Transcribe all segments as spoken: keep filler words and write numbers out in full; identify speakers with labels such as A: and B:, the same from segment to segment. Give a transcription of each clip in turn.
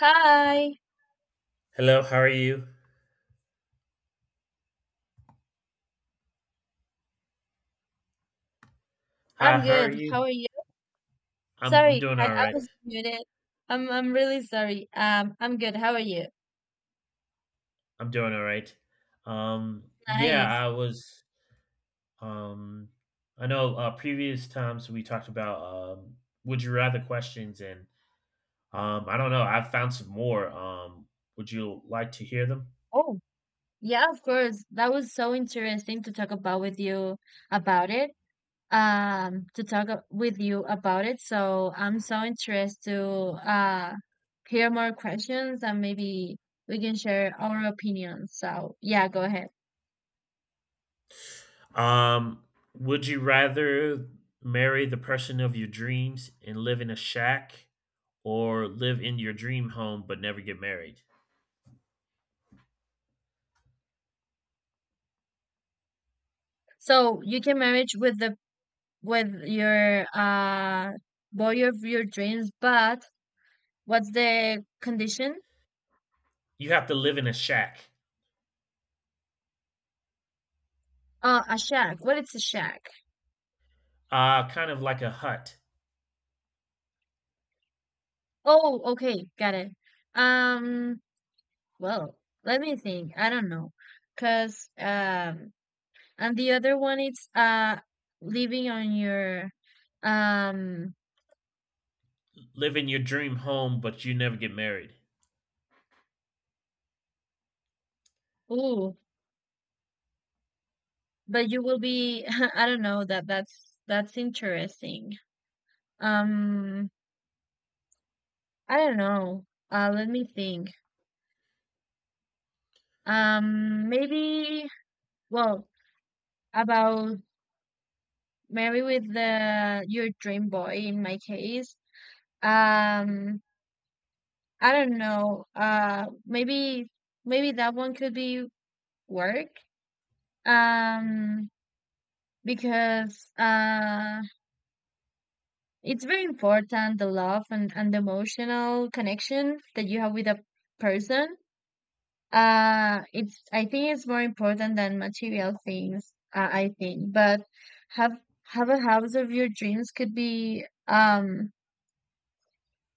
A: Hi,
B: Hello, how are you? Hi,
A: I'm
B: how are
A: good. How
B: you?
A: are you?
B: I'm I'm
A: Sorry,
B: doing
A: I,
B: all
A: I
B: right.
A: was muted. I'm I'm really sorry. Um, I'm good. How are you?
B: I'm doing all right. Um, yeah,
A: Nice.
B: I was. Um, I know uh, previous times we talked about um, would you rather questions, and um, I don't know. I've found some more. Um, would you like to hear them?
A: Oh, yeah, of course. That was so interesting to talk about with you about it. Um, to talk a- with you about it. So I'm so interested to uh hear more questions, and maybe we can share our opinions. So yeah, go ahead.
B: Um, would you rather marry the person of your dreams and live in a shack, or live in your dream home but never get married?
A: So you can marriage with the with your uh boil of your dreams, but what's the condition?
B: You have to live in a shack.
A: Uh, a shack. What is a shack?
B: Uh, kind of like a hut.
A: Oh, okay, got it. Um, well, let me think. I don't know, cause um, and the other one is uh living on your um.
B: Live in your dream home, but you never get married.
A: Ooh, but you will be. I don't know that. That's that's interesting. Um, I don't know. Uh, let me think. Um, maybe. Well, about maybe with the your dream boy in my case, um, I don't know. Uh, maybe maybe that one could be work. Um, because uh, it's very important, the love, and and the emotional connection that you have with a person. Uh, it's I think it's more important than material things. Uh, I think, but have have a house of your dreams could be, um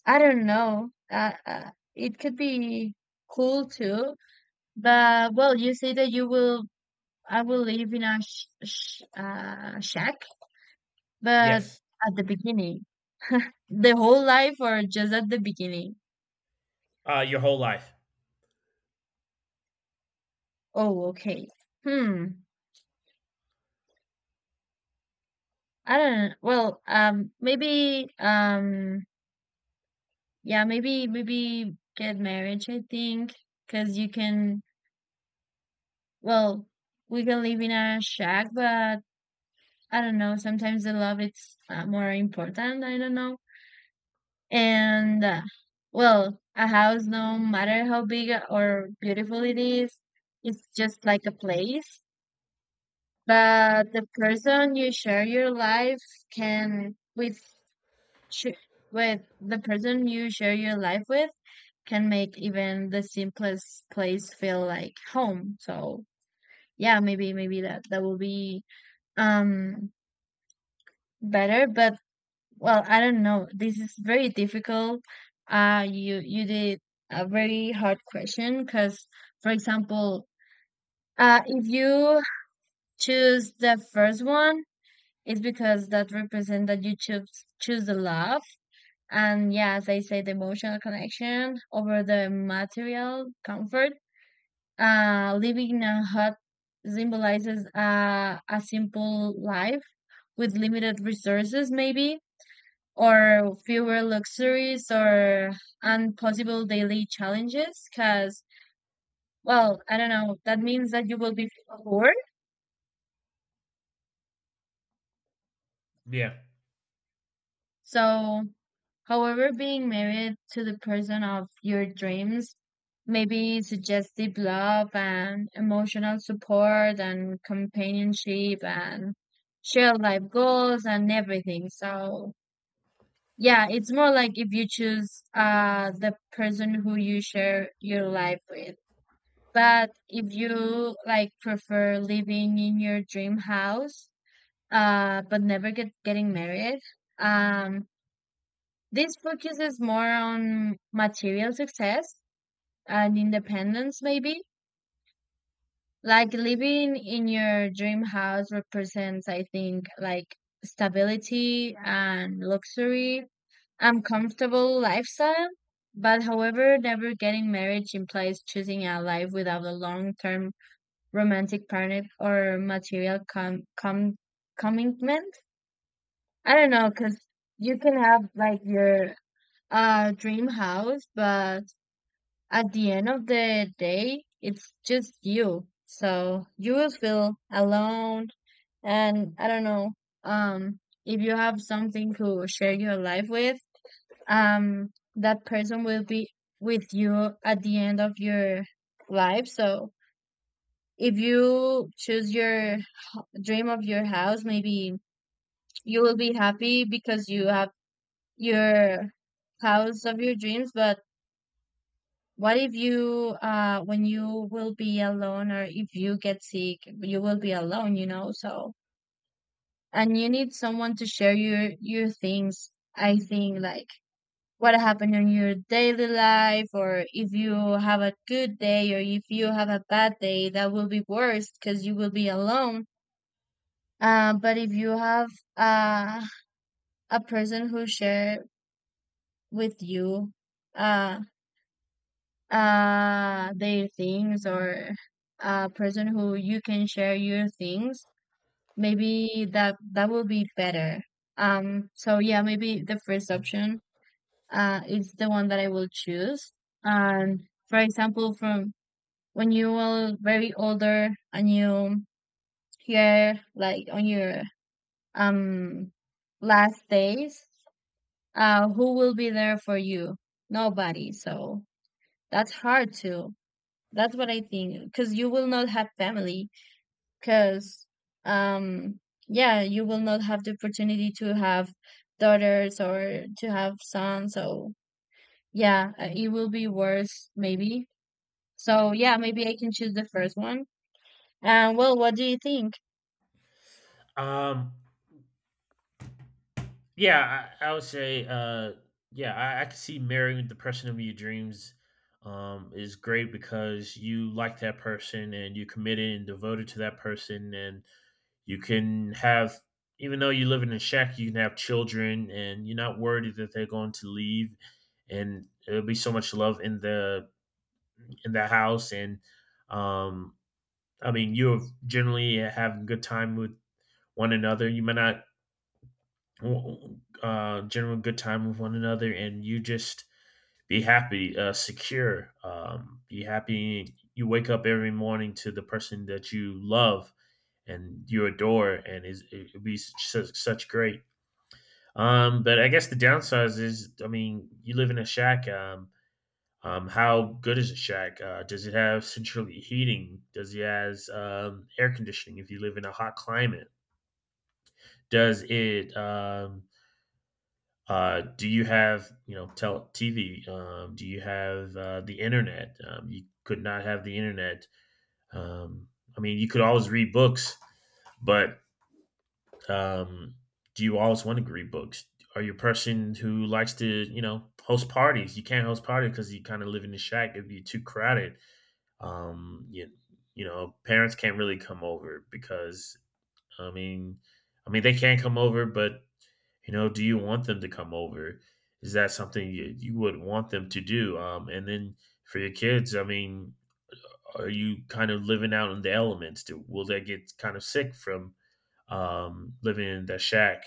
A: I don't know. Uh, uh, it could be cool too, but well, you say that you will, I will live in a sh sh uh, shack, but
B: Yes.
A: at the beginning, the whole life or just at the beginning?
B: Uh, your whole life.
A: Oh, okay. Hmm. I don't Well, um, maybe, um, yeah, maybe, maybe get marriage, I think, because you can, well, we can live in a shack, but I don't know. Sometimes the love it's uh, more important. I don't know. And uh, well, a house, no matter how big or beautiful it is, it's just like a place. But the person you share your life can with sh- with the person you share your life with can make even the simplest place feel like home. So yeah, maybe maybe that that will be, um better. But, well, I don't know. This is very difficult. Uh, you you did a very hard question because, for example, uh, if you choose the first one, it's because that represents that you choose choose the love, and yeah, as I say, the emotional connection over the material comfort. Uh, living in a hut symbolizes uh, a simple life with limited resources, maybe, or fewer luxuries, or impossible daily challenges, because, well, I don't know, that means that you will be poor.
B: Yeah.
A: So however, being married to the person of your dreams maybe suggestive love and emotional support and companionship and shared life goals and everything. So yeah, it's more like if you choose uh the person who you share your life with. But if you like prefer living in your dream house, uh, but never get getting married, um, this focuses more on material success and independence, maybe. Like, living in your dream house represents, I think, like stability and luxury and comfortable lifestyle. But however, never getting married implies choosing a life without a long-term romantic panic or material com com commitment. I don't know, because you can have like your uh dream house, but at the end of the day, it's just you. So you will feel alone, and I don't know. Um, if you have something to share your life with, um, that person will be with you at the end of your life. So if you choose your dream of your house, maybe you will be happy because you have your house of your dreams. But what if you uh when you will be alone, or if you get sick, you will be alone, you know so. And you need someone to share your your things. I think, like, what happened in your daily life, or if you have a good day or if you have a bad day, that will be worse because you will be alone. Uh, but if you have a a person who shared with you, uh uh their things, or a person who you can share your things, maybe that that will be better. Um so yeah, maybe the first option uh is the one that I will choose. And for example, from when you are very older and you hear like on your, um last days, uh, who will be there for you? Nobody. So that's hard too. That's what I think. Because you will not have family. Because, um, yeah, you will not have the opportunity to have daughters or to have sons. So yeah, uh, it will be worse, maybe. So yeah, maybe I can choose the first one. And well, what do you think?
B: Um, yeah, I, I would say, uh, yeah, I, I could see marrying the person of your dreams um, is great because you like that person and you're committed and devoted to that person. And you can have, even though you live in a shack, you can have children and you're not worried that they're going to leave. And it'll be so much love in the in the house, and um, I mean, you have generally having good time with one another. You may not uh, general good time with one another, and you just be happy, uh, secure, um, be happy. You wake up every morning to the person that you love and you adore, and it's, it'll be such, such great. Um, but I guess the downsides is, I mean, you live in a shack. Um, Um, how good is the shack? Uh, does it have central heating? Does it has um, air conditioning if you live in a hot climate? Does it? Um, uh, do you have you know tel- T V? Um, do you have uh, the internet? Um, you could not have the internet. Um, I mean, you could always read books, but um, do you always want to read books? Are you a person who likes to you know host parties? You can't host parties because you kind of live in the shack. It'd be too crowded. Um, you, you know, parents can't really come over because I mean, I mean they can come over, but you know, do you want them to come over? Is that something you, you would want them to do? Um, and then for your kids, I mean, are you kind of living out in the elements? Do, will they get kind of sick from um, living in the shack?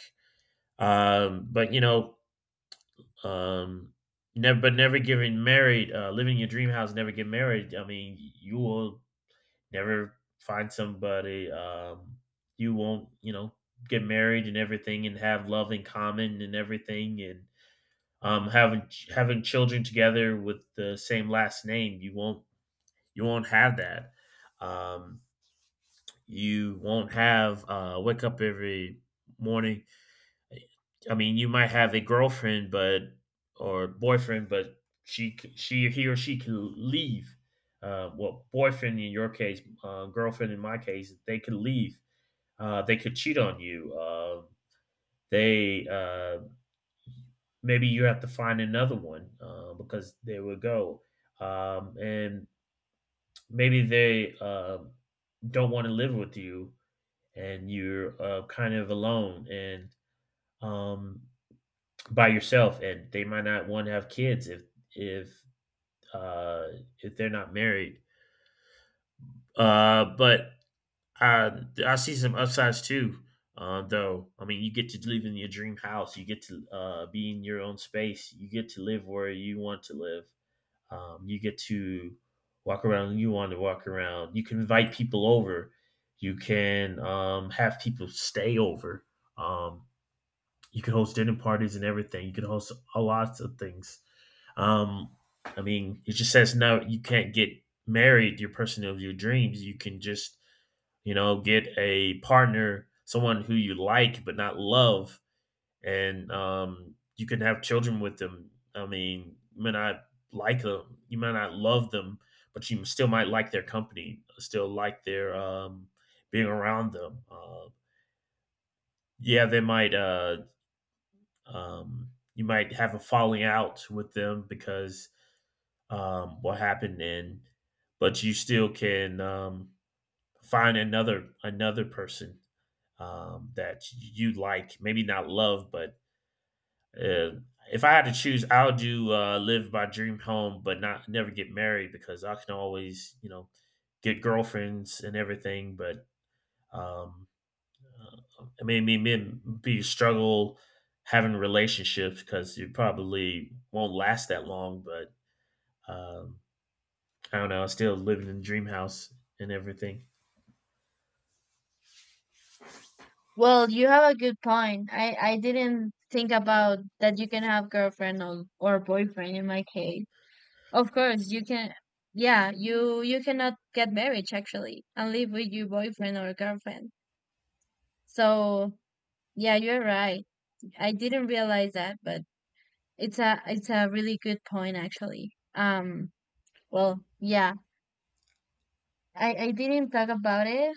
B: Um, but you know, um, never, but never getting married, uh, living in your dream house, never get married. I mean, you will never find somebody um, you won't, you know, get married and everything and have love in common and everything and um, having having children together with the same last name you won't you won't have that um, you won't have uh, wake up every morning. I mean you might have a girlfriend but or boyfriend but she she he or she can leave. Uh, well boyfriend in your case, uh, girlfriend in my case, they could leave. Uh, they could cheat on you. Uh, they uh, Maybe you have to find another one uh, because they would go, um, and maybe they uh, don't want to live with you, and you're uh, kind of alone and um, by yourself, and they might not want to have kids if if uh, if they're not married. Uh, but I I see some upsides too. Uh, though I mean, you get to live in your dream house. You get to uh, be in your own space. You get to live where you want to live. Um, you get to walk around when you want to walk around. You can invite people over. You can um, have people stay over. Um, you can host dinner parties and everything. You can host a lot of things. Um, I mean, it just says no. You can't get married. Your person of your dreams. You can just you know, get a partner, someone who you like but not love, and um, you can have children with them. I mean, you may not like them, you may not love them, but you still might like their company, still like their um, being around them. Uh, yeah, they might. Uh, um, you might have a falling out with them because um, what happened, and but you still can um, find another another person um, that you like, maybe not love, but uh, if I had to choose, I'll do uh, live my dream home, but not never get married because I can always, you know, get girlfriends and everything. But um, uh, I mean, me men be struggle having relationships because it probably won't last that long. But um, I don't know. I'm still living in the dream house and everything.
A: Well, you have a good point. I I didn't think about that you can have girlfriend, or, or boyfriend in my case. Of course, you can. Yeah, you you cannot get married actually and live with your boyfriend or girlfriend. So yeah, you're right. I didn't realize that, but it's a, it's a really good point actually. Um, well, yeah, I I didn't talk about it.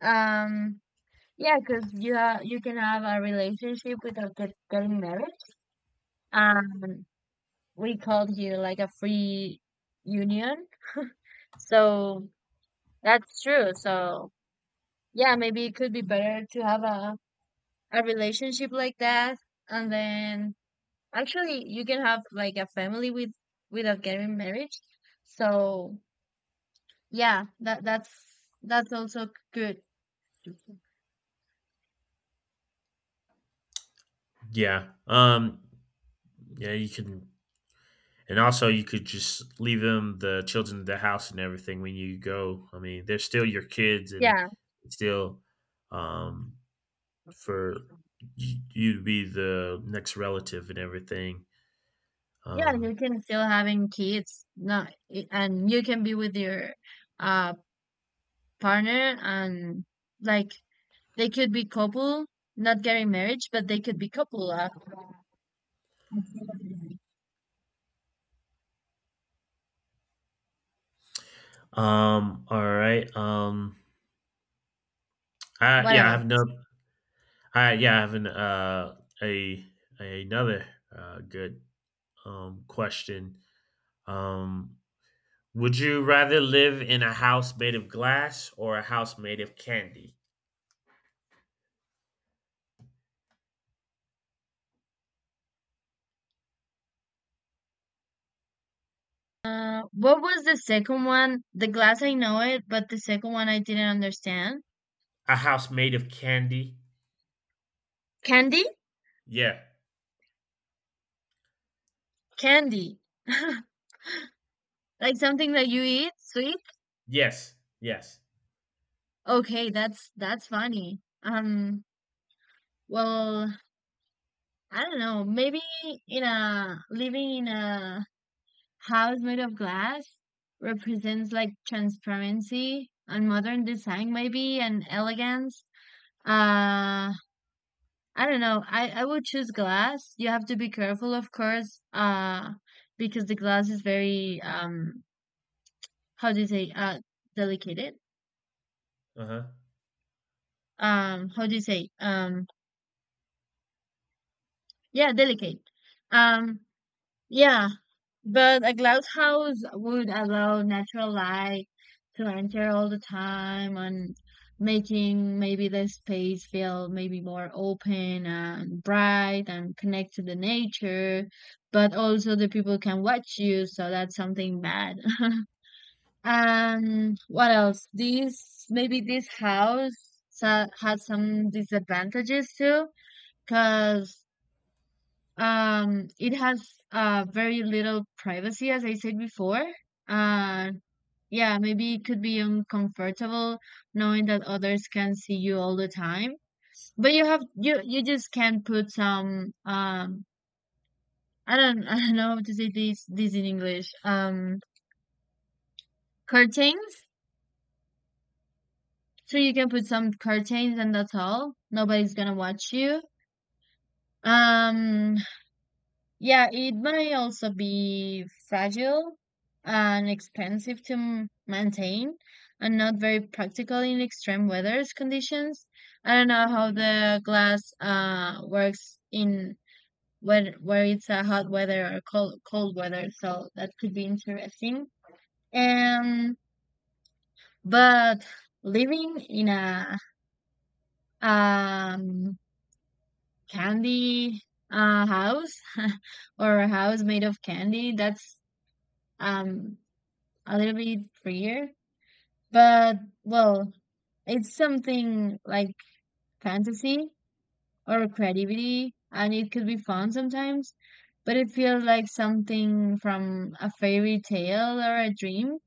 A: Um, yeah, because you ha you can have a relationship without get, getting married. Um, we called here like a free union. So that's true. So. Yeah, maybe it could be better to have a a relationship like that, and then actually you can have like a family, with without getting married. So yeah, that that's that's also good.
B: Yeah. Um. Yeah. You can And also, you could just leave them, the children, of the house and everything when you go. I mean, they're still your kids, and
A: Yeah,
B: still um, for y- you to be the next relative and everything.
A: yeah, you
B: Um,
A: can still having kids, not, and you can be with your uh partner, and like, they could be couple, not getting married, but they could be couple. Uh,
B: um, all right. Um, I,
A: what
B: yeah, I have
A: else?
B: no. I yeah, I have an uh a, a another uh good um question. Um, would you rather live in a house made of glass or a house made of candy?
A: Uh, what was the second one? The glass, I know it, but the second one I didn't understand.
B: A house made of candy.
A: Candy?
B: Yeah.
A: Candy, like something that you eat, sweet.
B: Yes. Yes.
A: Okay, that's that's funny. Um, well, I don't know. Maybe, in a living in a house made of glass represents like transparency and modern design, maybe, and elegance. Uh, I don't know. I I would choose glass. You have to be careful, of course, uh, because the glass is very, um how do you say, uh delicate?
B: Uh-huh.
A: Um, how do you say, um yeah, delicate. Um, Yeah, but a glasshouse would allow natural light to enter all the time, and making maybe the space feel maybe more open and bright and connect to the nature, but also the people can watch you, so that's something bad. Um, what else? This, maybe this house sa- has some disadvantages too, because, um, it has uh very little privacy, as I said before. Uh, yeah, maybe it could be uncomfortable knowing that others can see you all the time. But you have, you you just can put some, um I don't I don't know how to say this this in English. Um curtains. So you can put some curtains and that's all. Nobody's gonna watch you. Um Yeah, it may also be fragile and expensive to m- maintain, and not very practical in extreme weather conditions. I don't know how the glass uh works in when where it's a hot weather or cold cold weather, so that could be interesting. Um, but living in a, um candy uh house, or a house made of candy, that's, um a little bit freer, but, well, it's something like fantasy or creativity, and it could be fun sometimes, but it feels like something from a fairy tale or a dream.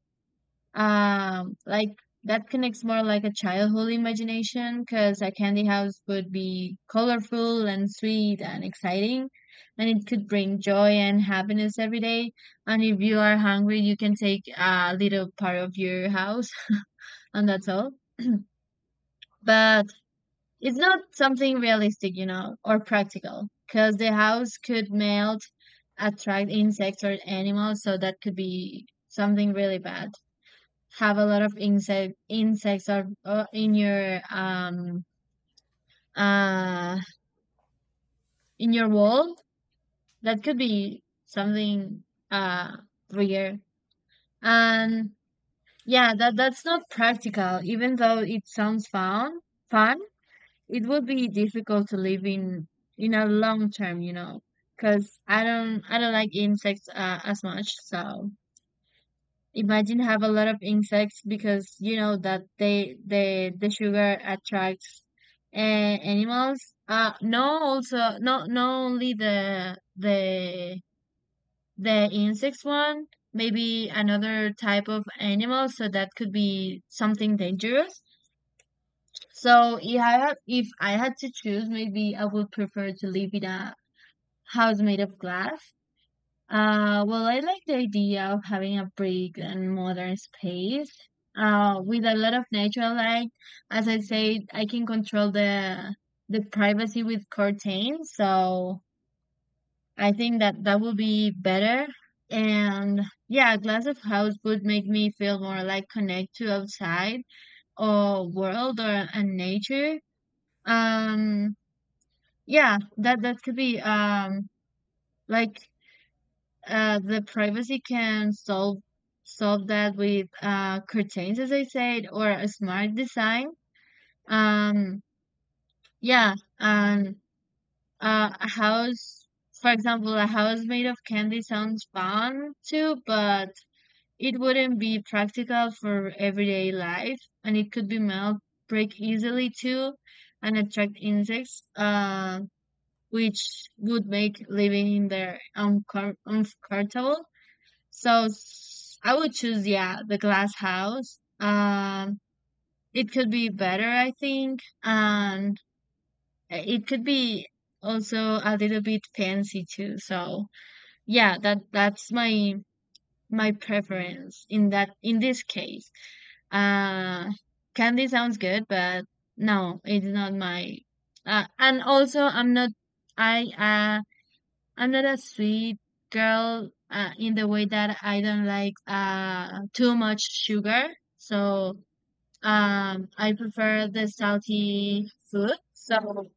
A: Um, like, that connects more like a childhood imagination, because a candy house would be colorful and sweet and exciting, and it could bring joy and happiness every day. And if you are hungry, you can take a little part of your house, and that's all. But it's not something realistic, you know, or practical, because the house could melt, attract insects or animals, so that could be something really bad. Have a lot of insect insects, or, or in your, um uh in your wall, that could be something uh weird. And yeah, that that's not practical, even though it sounds fun. Fun, it would be difficult to live in in a long term, you know, because I don't I don't like insects, uh, as much. So imagine have a lot of insects, because you know that they they the sugar attracts, uh, animals. Uh, no, also not not only the the the insects one, maybe another type of animal. So that could be something dangerous. So if I had, if I had to choose, maybe I would prefer to live in a house made of glass. Uh, well, I like the idea of having a big and modern space, uh, with a lot of natural light. As I said, I can control the the privacy with curtains, so I think that that would be better. And yeah, a glass of house would make me feel more like connect to outside or world or and nature. Um, Yeah, that that could be um like uh the privacy can solve solve that with uh curtains as I said, or a smart design. Um yeah, and uh a house, for example, a house made of candy sounds fun too, but it wouldn't be practical for everyday life, and it could be melt, break easily too, and attract insects. Um which would make living in there uncom- uncomfortable. So s- I would choose, yeah, the glass house. Um, it could be better, I think, and it could be also a little bit fancy too. So yeah, that that's my my preference in that in this case. Uh, Candy sounds good, but no, it's not my. Uh, and also, I'm not. I uh, I'm not a sweet girl, uh, in the way that I don't like, uh, too much sugar. So um, I prefer the salty food. So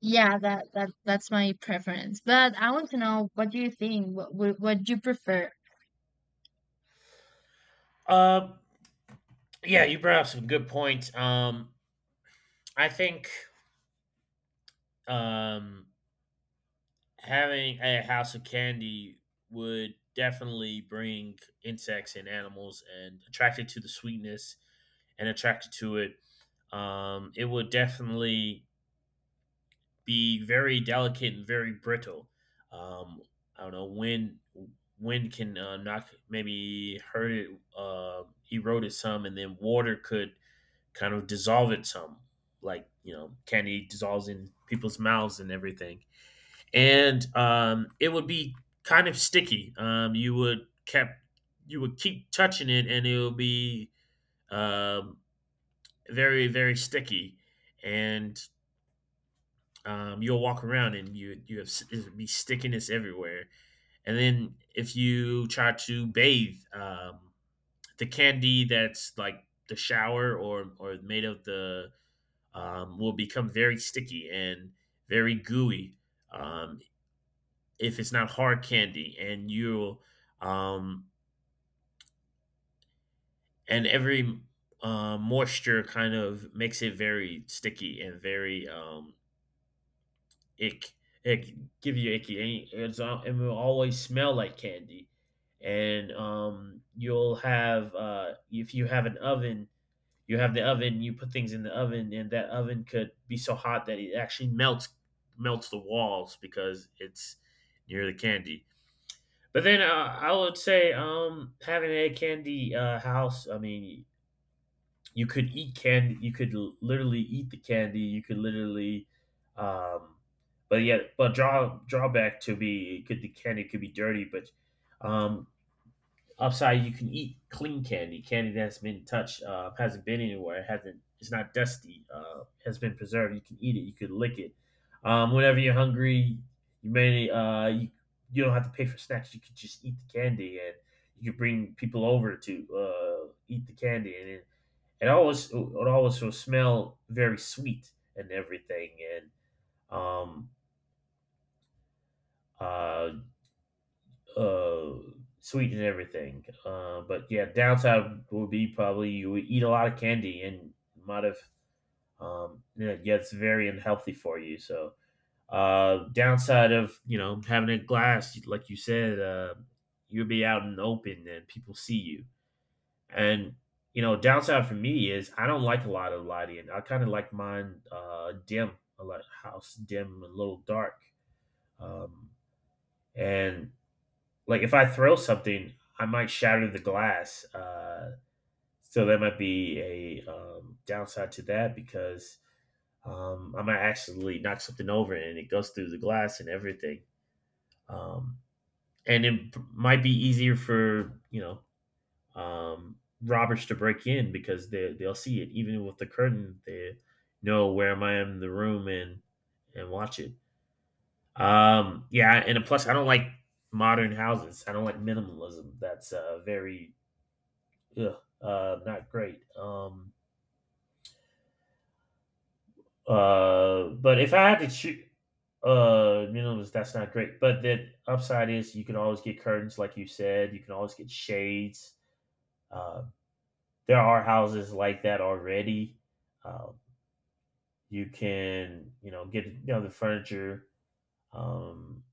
A: yeah, that, that that's my preference. But I want to know, what do you think? What what, what you prefer?
B: Uh huh. Um. Yeah, you brought up some good points. Um, I think um having a house of candy would definitely bring insects and animals and attracted to the sweetness and attracted to it. Um, it would definitely be very delicate and very brittle. Um, I don't know, wind wind can uh, knock maybe hurt it, uh, erode it some, and then water could kind of dissolve it some, like you know candy dissolves in people's mouths and everything, and um, it would be kind of sticky. Um, you would kept you would keep touching it, and it would be um, very very sticky, and um, you'll walk around and you you have s- it'll be stickiness everywhere. And then if you try to bathe, um, the candy that's like the shower or or made of the um, will become very sticky and very gooey, um, if it's not hard candy. And you'll um, and every uh, Moisture kind of makes it very sticky and very um, ick, ick, give you icky. And it's uh, it will always smell like candy. And um, you'll have uh, if you have an oven, you have the oven. You put things in the oven, and that oven could be so hot that it actually melts melts the walls because it's near the candy. But then uh, I would say um, having a candy, uh, house. I mean, you could eat candy, you could l- literally eat the candy, you could literally um but yeah but draw drawback to be, it could, the candy could be dirty, but um upside, you can eat clean candy, candy that has been touched, uh hasn't been anywhere, it hasn't, it's not dusty, uh has been preserved, you can eat it, you could lick it um whenever you're hungry. you may uh you, you don't have to pay for snacks, you could just eat the candy, and you could bring people over to uh eat the candy, and then it always it always will smell very sweet and everything, and um uh uh sweet and everything, uh but yeah, downside would be probably you would eat a lot of candy and might have um yeah, yeah, it's very unhealthy for you. So uh downside of you know having a glass, like you said, uh you'll be out in the open and people see you. And you know, downside for me is I don't like a lot of lighting. I kind of like mine uh, dim, a lot house dim, a little dark. Um, and like if I throw something, I might shatter the glass. Uh, so that might be a um, downside to that because um, I might actually knock something over and it goes through the glass and everything. Um, and it might be easier for you know um, robbers to break in because they they'll see it. Even with the curtain, they know where am I in the room and and watch it. Um, yeah, and plus I don't like modern houses. I don't like minimalism. That's uh, very ugh, uh, not great. Um, uh, but if I had to choose, uh, minimalist, that's not great. But the upside is you can always get curtains, like you said. You can always get shades. Uh, there are houses like that already. Uh, You can, you know, get you know the furniture. Um,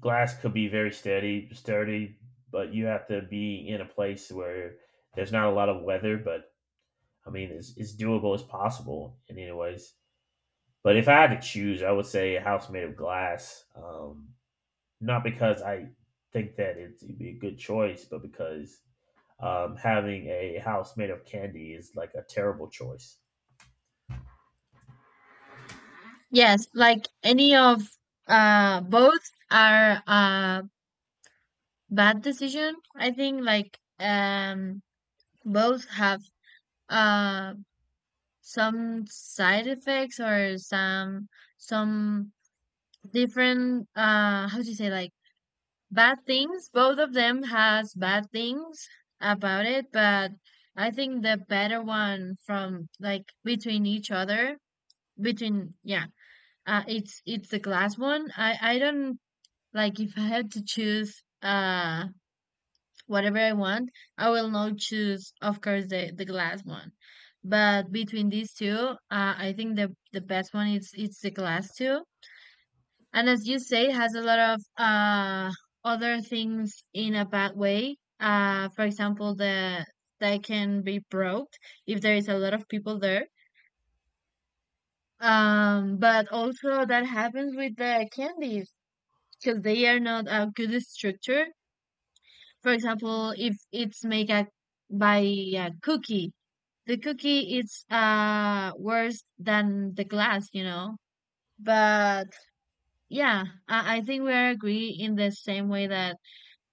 B: Glass could be very steady, sturdy, but you have to be in a place where there's not a lot of weather. But I mean, it's, it's doable, it's possible in any ways. But if I had to choose, I would say a house made of glass. Um, not because I think that it's, it'd be a good choice, but because um, having a house made of candy is like a terrible choice.
A: Yes, like any of, uh, both are, uh, bad decision. I think, like, um, both have uh some side effects, or some some different, uh, how do you say, like, bad things. Both of them has bad things about it. But I think the better one from, like, between each other, between, yeah, uh it's it's the glass one. I i don't, like, if I had to choose uh whatever I want, I will not choose, of course, the, the glass one. But between these two, uh, I think the the best one is, it's the glass too. And as you say, it has a lot of uh other things in a bad way. Uh, for example, the that can be broke if there is a lot of people there. Um, but also that happens with the candies, because they are not a good structure. For example, if it's made a, by a cookie, the cookie is uh worse than the glass, you know. But yeah, I, I think we are agree in the same way that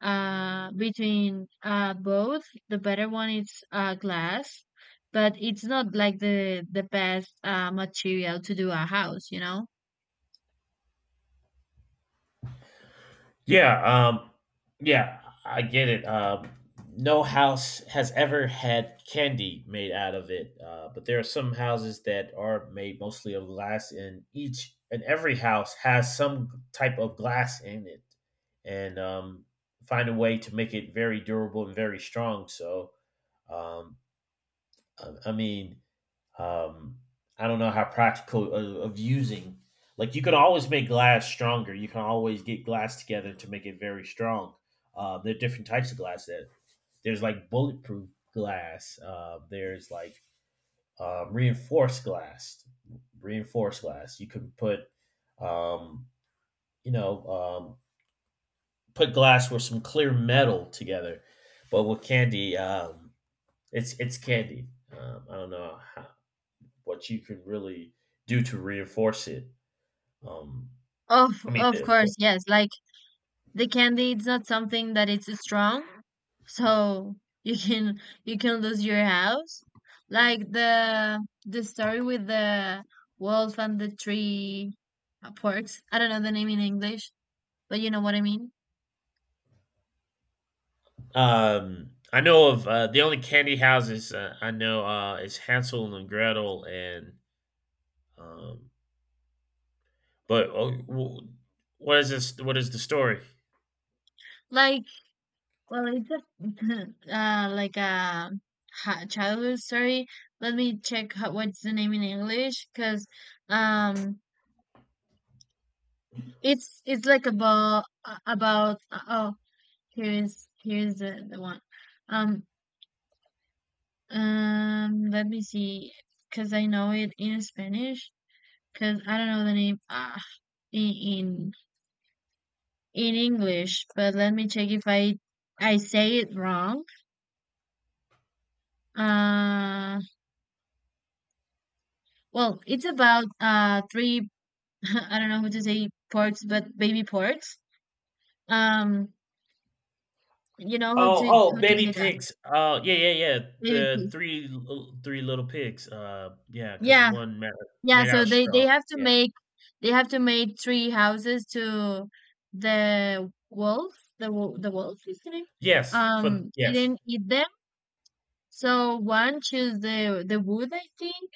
A: uh between uh both, the better one is uh glass, but it's not like the the best uh material to do a house, you know.
B: Yeah, um, yeah, I get it. Um, no house has ever had candy made out of it, uh, but there are some houses that are made mostly of glass, and each and every house has some type of glass in it, and um, find a way to make it very durable and very strong. So, um, I I mean, um, I don't know how practical of, of using. Like you can always make glass stronger. You can always get glass together to make it very strong. Uh, there are different types of glass. There, there's like bulletproof glass. Uh, there's like um, reinforced glass. Reinforced glass. You can put, um, you know, um, put glass with some clear metal together. But with candy, um, it's it's candy. Um, I don't know how, what you can really do to reinforce it. Um,
A: Of
B: I mean,
A: of
B: of course.
A: course, yes. Like the candy, it's not something that it's strong. So you can, you can lose your house? Like the the story with the wolf and the three uh, porks. I don't know the name in English, but you know what I mean.
B: Um, I know of uh, the only candy houses uh, I know uh, is Hansel and Gretel, and um, but uh, w- what is this? What is the story?
A: Like, well, it's a uh, like a ha- childhood story. Let me check how, what's the name in English, because um, it's it's like about about oh, here is here is the the one um. Um, let me see, because I know it in Spanish, because I don't know the name, ah, in, in in English, but let me check if I I say it wrong. Uh, well, it's about uh three I don't know how to say ports, but baby ports. Um, you know how
B: Oh,
A: to
B: oh,
A: how to
B: baby
A: say that?
B: pigs. Oh, yeah, yeah, yeah.
A: Baby
B: The
A: please.
B: three l- three little pigs. Uh, yeah, because
A: Yeah,
B: one made,
A: Yeah,
B: made out
A: so
B: of
A: they
B: straw.
A: they have to
B: Yeah.
A: make they have to make three houses to the wolf. The wo- the wolf is the name.
B: Yes. For
A: Um, he
B: yes.
A: didn't eat them. So one choose the the wood, I think.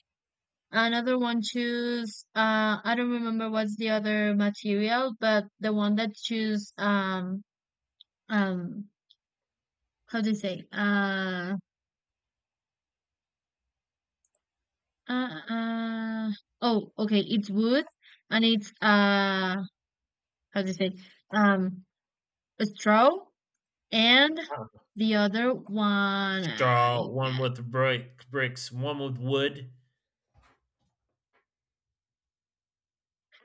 A: Another one choose uh I don't remember what's the other material, but the one that choose um um how do you say uh uh uh oh, okay, it's wood. And it's uh, how do you say, um, a straw. And
B: Uh,
A: the other one, I
B: straw. One
A: guess.
B: with brick, bricks. One with wood.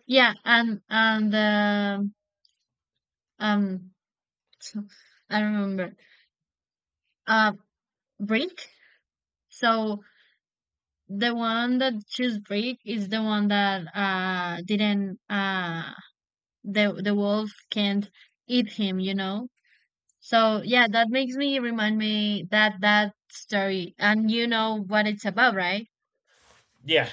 A: Yeah, and and the um, so- I remember. Uh, Brick. So the one that choose Brick is the one that uh didn't uh, the the wolf can't eat him, you know. So yeah, that makes me remind me that that story, and you know what it's about, right?
B: Yeah.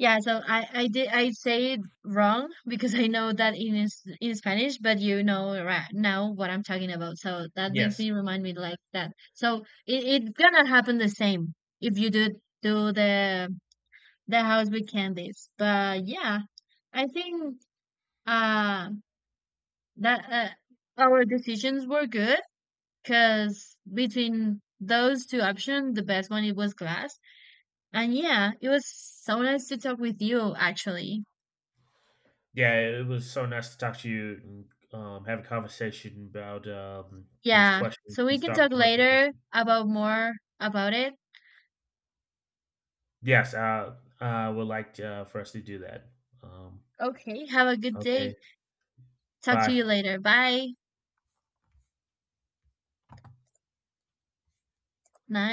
A: Yeah, so I I did I say it wrong, because I know that in is- in Spanish, but you know right now what I'm talking about. So that makes
B: Yes.
A: me remind me like that. So it, it's gonna happen the same if you do do the the house with candies. But yeah, I think uh that uh, our decisions were good, because between those two options, the best one it was glass. And yeah, it was so nice to talk with you, actually.
B: Yeah, it was so nice to talk to you and um, have a conversation about um, these
A: Yeah,
B: questions,
A: so we
B: these
A: can talk
B: thought-provoking
A: later
B: questions.
A: about more about it.
B: Yes, I, I would like to, uh, for us to do that. Um,
A: Okay, have a good
B: okay,
A: day. Talk to
B: bye.
A: you later. Bye. Night.